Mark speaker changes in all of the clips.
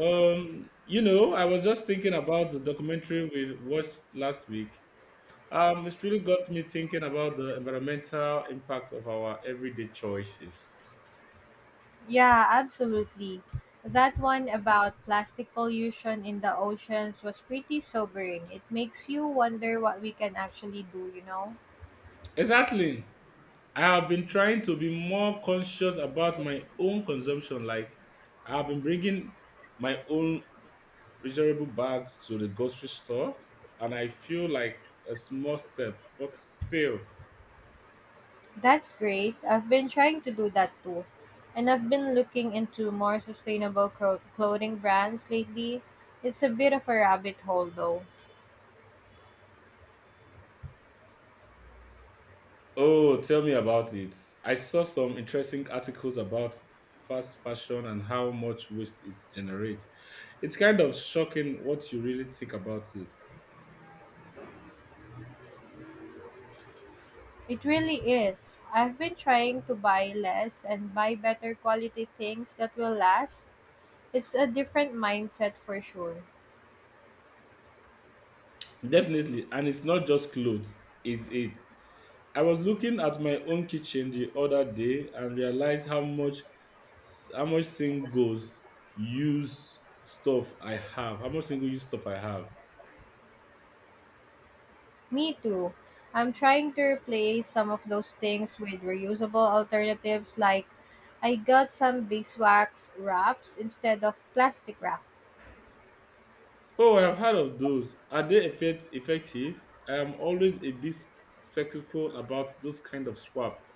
Speaker 1: I was just thinking about the documentary we watched last week. It's really got me thinking about the environmental impact of our everyday choices.
Speaker 2: Yeah, absolutely. That one about plastic pollution in the oceans was pretty sobering. It makes you wonder what we can actually do, you know?
Speaker 1: Exactly. I have been trying to be more conscious about my own consumption. Like, I have been bringing my own reusable bag to the grocery store, and I feel like a small step, but still.
Speaker 2: That's great. I've been trying to do that too. And I've been looking into more sustainable clothing brands lately. It's a bit of a rabbit hole though.
Speaker 1: Oh, tell me about it. I saw some interesting articles about fast fashion and how much waste it generates. It's kind of shocking what you really think about it.
Speaker 2: It really is. I've been trying to buy less and buy better quality things that will last. It's a different mindset for sure.
Speaker 1: Definitely, and it's not just clothes, it's it. I was looking at my own kitchen the other day and realized how much single use stuff I have. How much single use stuff I have.
Speaker 2: Me too. I'm trying to replace some of those things with reusable alternatives, like I got some beeswax wraps instead of plastic wrap.
Speaker 1: Oh, I've heard of those. Are they effective? I am always a bit skeptical about those kind of swap.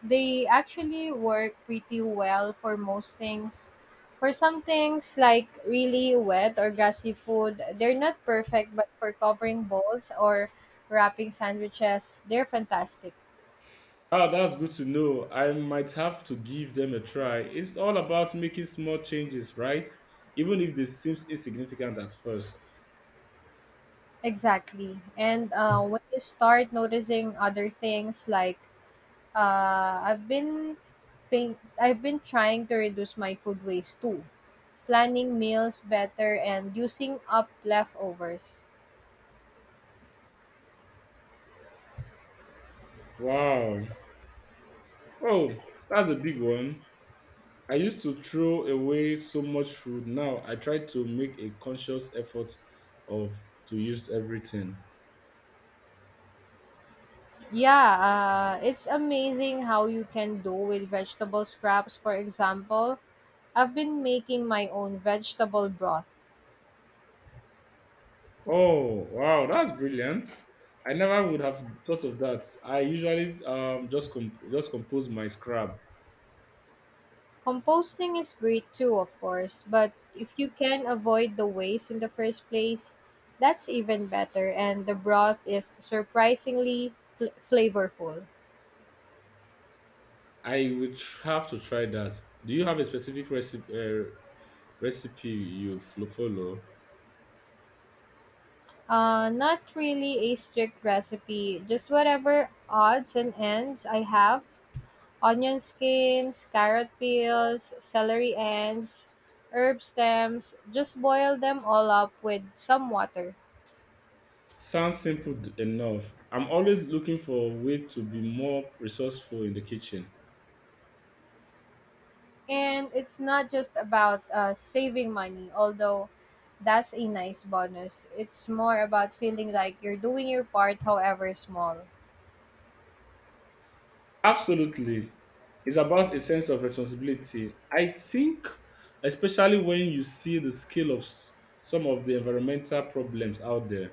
Speaker 2: They actually work pretty well for most things. For some things like really wet or gassy food, they're not perfect, but for covering bowls or wrapping sandwiches, they're fantastic.
Speaker 1: Ah, that's good to know. I might have to give them a try. It's all about making small changes, right? Even if they seems insignificant at first.
Speaker 2: Exactly. And when you start noticing other things like I've been Paint. I've been trying to reduce my food waste too, planning meals better and using up leftovers.
Speaker 1: Wow. Oh, that's a big one. I used to throw away so much food. Now I try to make a conscious effort of to use everything.
Speaker 2: Yeah, it's amazing how you can do with vegetable scraps. For example, I've been making my own vegetable broth.
Speaker 1: Oh, wow, that's brilliant. I never would have thought of that. I usually just compose my scrap.
Speaker 2: Composting is great too, of course, but if you can avoid the waste in the first place, that's even better, and the broth is surprisingly flavorful.
Speaker 1: Have to try that. Do you have a specific recipe you follow?
Speaker 2: Not really a strict recipe, just whatever odds and ends I have: onion skins, carrot peels, celery ends, herb stems. Just boil them all up with some water.
Speaker 1: Sounds simple enough. I'm always looking for a way to be more resourceful in the kitchen.
Speaker 2: And it's not just about saving money, although that's a nice bonus. It's more about feeling like you're doing your part, however small.
Speaker 1: Absolutely. It's about a sense of responsibility. I think, especially when you see the scale of some of the environmental problems out there.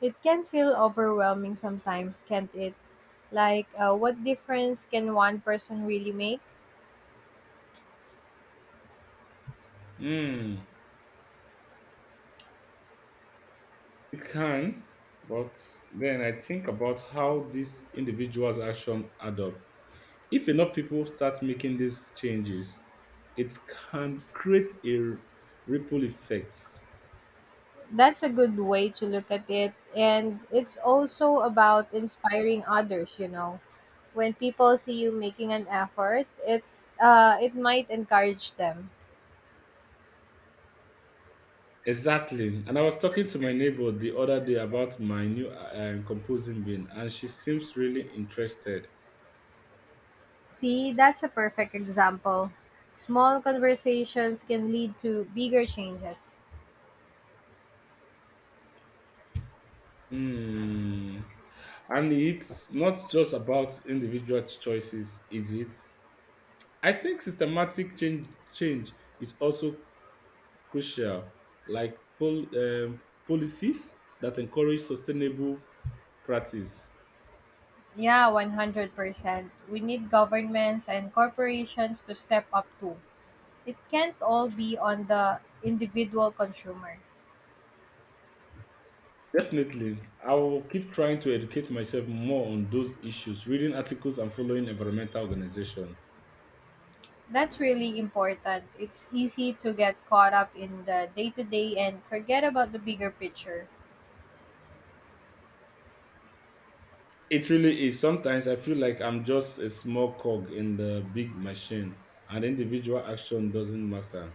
Speaker 2: It can feel overwhelming sometimes, can't it? Like, what difference can one person really make?
Speaker 1: Hmm, it can, but then I think about how these individuals' action add up. If enough people start making these changes, it can create a ripple effect.
Speaker 2: That's a good way to look at it. And it's also about inspiring others, you know. When people see you making an effort, it might encourage them.
Speaker 1: Exactly. And I was talking to my neighbor the other day about my new composing bin, and she seems really interested.
Speaker 2: See, that's a perfect example. Small conversations can lead to bigger changes.
Speaker 1: Hmm. And it's not just about individual choices, is it? I think systematic change is also crucial, like policies that encourage sustainable practice.
Speaker 2: Yeah, 100%. We need governments and corporations to step up too. It can't all be on the individual consumer.
Speaker 1: Definitely, I will keep trying to educate myself more on those issues, reading articles and following environmental organizations.
Speaker 2: That's really important. It's easy to get caught up in the day to day and forget about the bigger picture.
Speaker 1: It really is. Sometimes I feel like I'm just a small cog in the big machine, and individual action doesn't matter.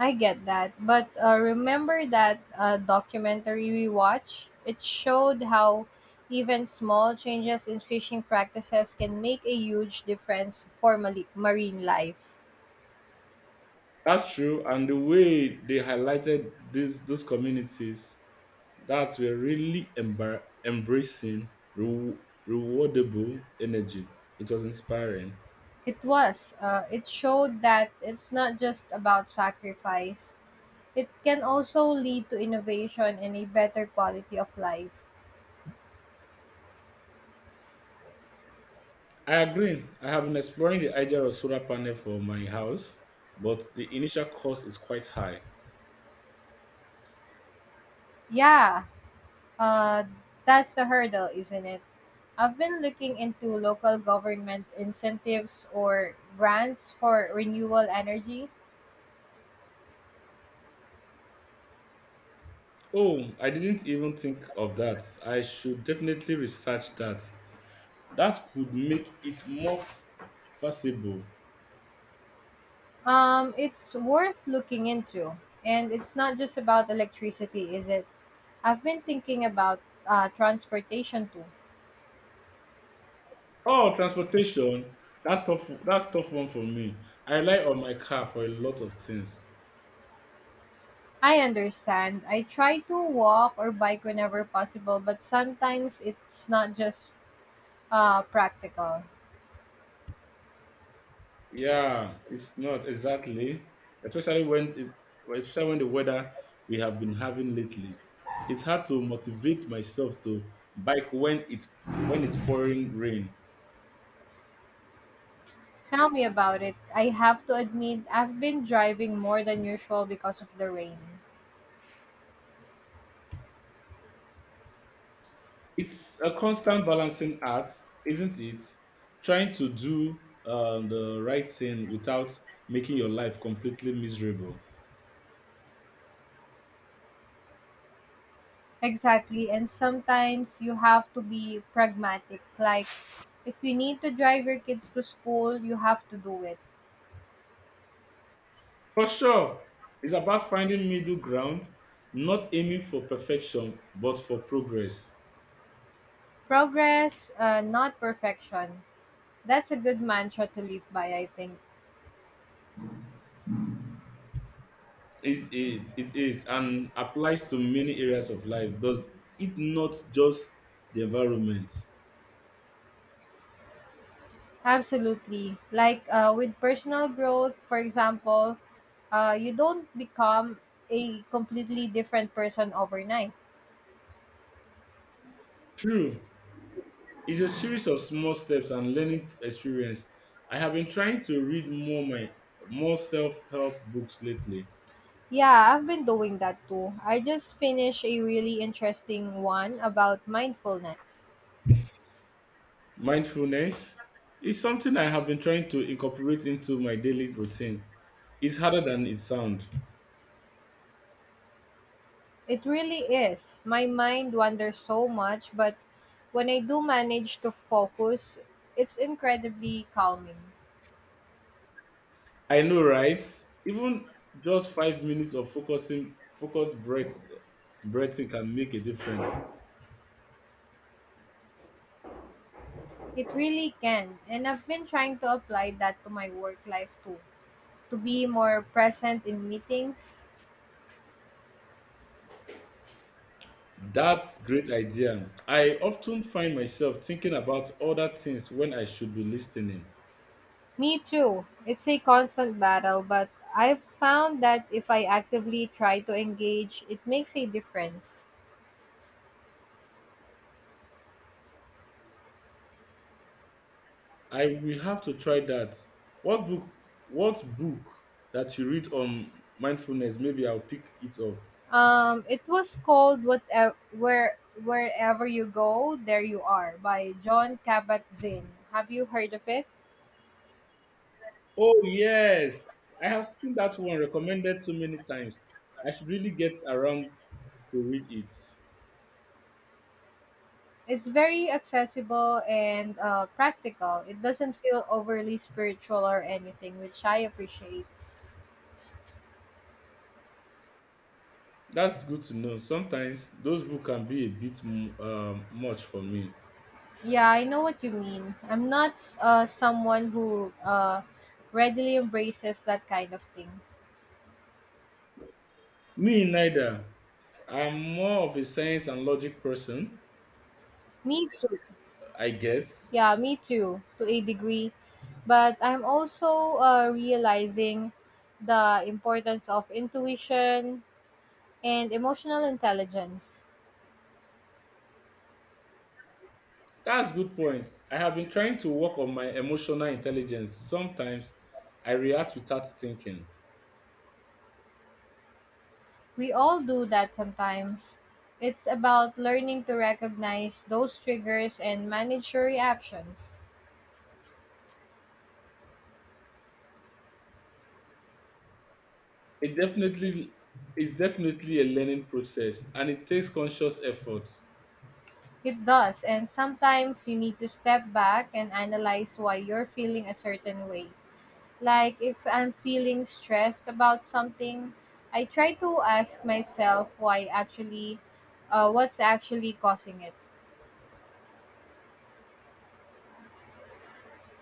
Speaker 2: I get that. But remember that documentary we watched? It showed how even small changes in fishing practices can make a huge difference for marine life.
Speaker 1: That's true, and the way they highlighted these those communities that were really embracing re- rewardable energy. It was inspiring.
Speaker 2: It was. It showed that it's not just about sacrifice, it can also lead to innovation and a better quality of life.
Speaker 1: I agree. I have been exploring the idea of solar panel for my house, but the initial cost is quite high.
Speaker 2: Yeah, Uh, that's the hurdle, isn't it? I've been looking into local government incentives or grants for renewable energy.
Speaker 1: Oh, I didn't even think of that. I should definitely research that. That could make it more feasible.
Speaker 2: It's worth looking into. And it's not just about electricity, is it? I've been thinking about transportation too.
Speaker 1: Oh, transportation. That's tough one for me. I rely on my car for a lot of things.
Speaker 2: I understand. I try to walk or bike whenever possible, but sometimes it's not just practical.
Speaker 1: Yeah, it's not exactly, especially when it, especially when the weather we have been having lately. It's hard to motivate myself to bike when it's pouring rain.
Speaker 2: Tell me about it. I have to admit, I've been driving more than usual because of the rain.
Speaker 1: It's a constant balancing act, isn't it? Trying to do the right thing without making your life completely miserable.
Speaker 2: Exactly, and sometimes you have to be pragmatic. Like, if you need to drive your kids to school, you have to do it.
Speaker 1: For sure, it's about finding middle ground, not aiming for perfection but for progress.
Speaker 2: Progress, not perfection. That's a good mantra to live by, I think.
Speaker 1: It is and applies to many areas of life. Does it not just the environment?
Speaker 2: Absolutely. Like, with personal growth, for example, you don't become a completely different person overnight.
Speaker 1: True, it's a series of small steps and learning experience. I have been trying to read more my more self-help books lately.
Speaker 2: Yeah, I've been doing that too. I just finished a really interesting one about mindfulness.
Speaker 1: Mindfulness is something I have been trying to incorporate into my daily routine. It's harder than it sounds.
Speaker 2: It really is. My mind wanders so much, but when I do manage to focus, it's incredibly calming.
Speaker 1: I know, right? Even just 5 minutes of breathing can make a difference.
Speaker 2: It really can. And I've been trying to apply that to my work life too, to be more present in meetings.
Speaker 1: That's great idea. I often find myself thinking about other things when I should be listening.
Speaker 2: Me too. It's a constant battle, but I've found that if I actively try to engage, it makes a difference.
Speaker 1: I will have to try that. What book what book that you read on mindfulness? Maybe I'll pick it up.
Speaker 2: It was called Whatever, Wherever You Go, There You Are by John Kabat-Zinn. Have you heard of it?
Speaker 1: Oh yes. I have seen that one recommended so many times. I should really get around to read it.
Speaker 2: It's very accessible and practical. It doesn't feel overly spiritual or anything, which I appreciate.
Speaker 1: That's good to know. Sometimes those books can be a bit much for me.
Speaker 2: Yeah, I know what you mean. I'm not someone who readily embraces that kind of thing.
Speaker 1: Me neither. I'm more of a science and logic person,
Speaker 2: Me too.
Speaker 1: I guess.
Speaker 2: Yeah, me too, to a degree. But I'm also realizing the importance of intuition and emotional intelligence.
Speaker 1: That's good point. I have been trying to work on my emotional intelligence. Sometimes I react without thinking.
Speaker 2: We all do that sometimes. It's about learning to recognize those triggers and manage your reactions.
Speaker 1: It definitely it's definitely a learning process and it takes conscious effort.
Speaker 2: It does, and sometimes you need to step back and analyze why you're feeling a certain way. Like if I'm feeling stressed about something, I try to ask myself why actually, what's actually causing it.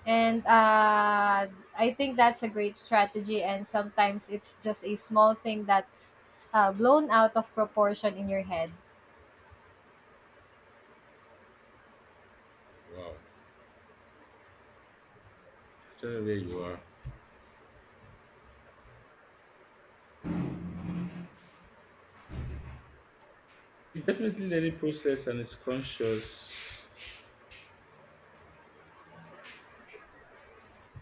Speaker 2: And I think that's a great strategy. And sometimes it's just a small thing that's blown out of proportion in your head.
Speaker 1: Wow. I don't know where you are. It's definitely learning process and it's conscious.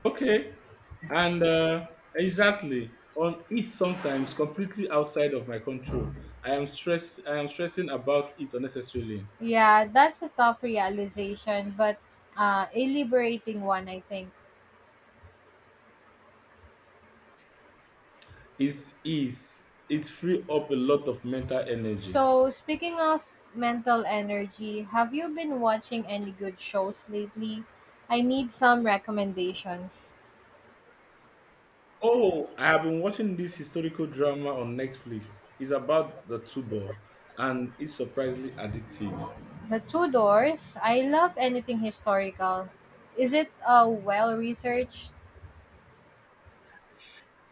Speaker 1: Okay. And exactly on it sometimes completely outside of my control. I am stressing about it unnecessarily.
Speaker 2: Yeah, that's a tough realization, but a liberating one, I think.
Speaker 1: It's is it free up a lot of mental energy.
Speaker 2: So, speaking of mental energy, have you been watching any good shows lately? I need some recommendations.
Speaker 1: Oh, I have been watching this historical drama on Netflix. It's about the Tudor and it's surprisingly addictive.
Speaker 2: The Tudors, I love anything historical. Is it well researched?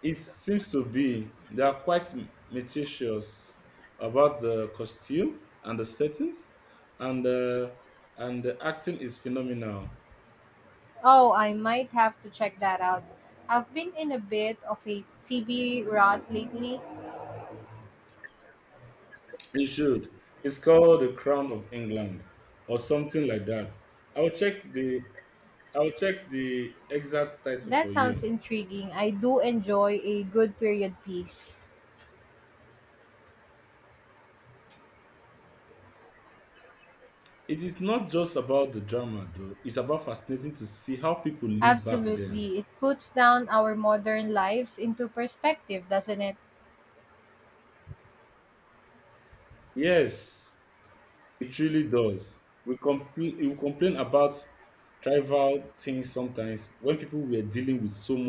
Speaker 1: It seems to be they are quite meticulous about the costume and the settings, and uh, and the acting is phenomenal.
Speaker 2: Oh, I might have to check that out. I've been in a bit of a TV rut lately.
Speaker 1: You should. It's called the Crown of England or something like that. I'll check the I'll check the exact title
Speaker 2: That
Speaker 1: for
Speaker 2: sounds
Speaker 1: you.
Speaker 2: intriguing. I do enjoy a good period piece.
Speaker 1: It is not just about the drama though. It's about fascinating to see how people live back then.
Speaker 2: Absolutely. It puts down our modern lives into perspective, doesn't it?
Speaker 1: Yes, it really does. We complain about trivial things sometimes when people were dealing with so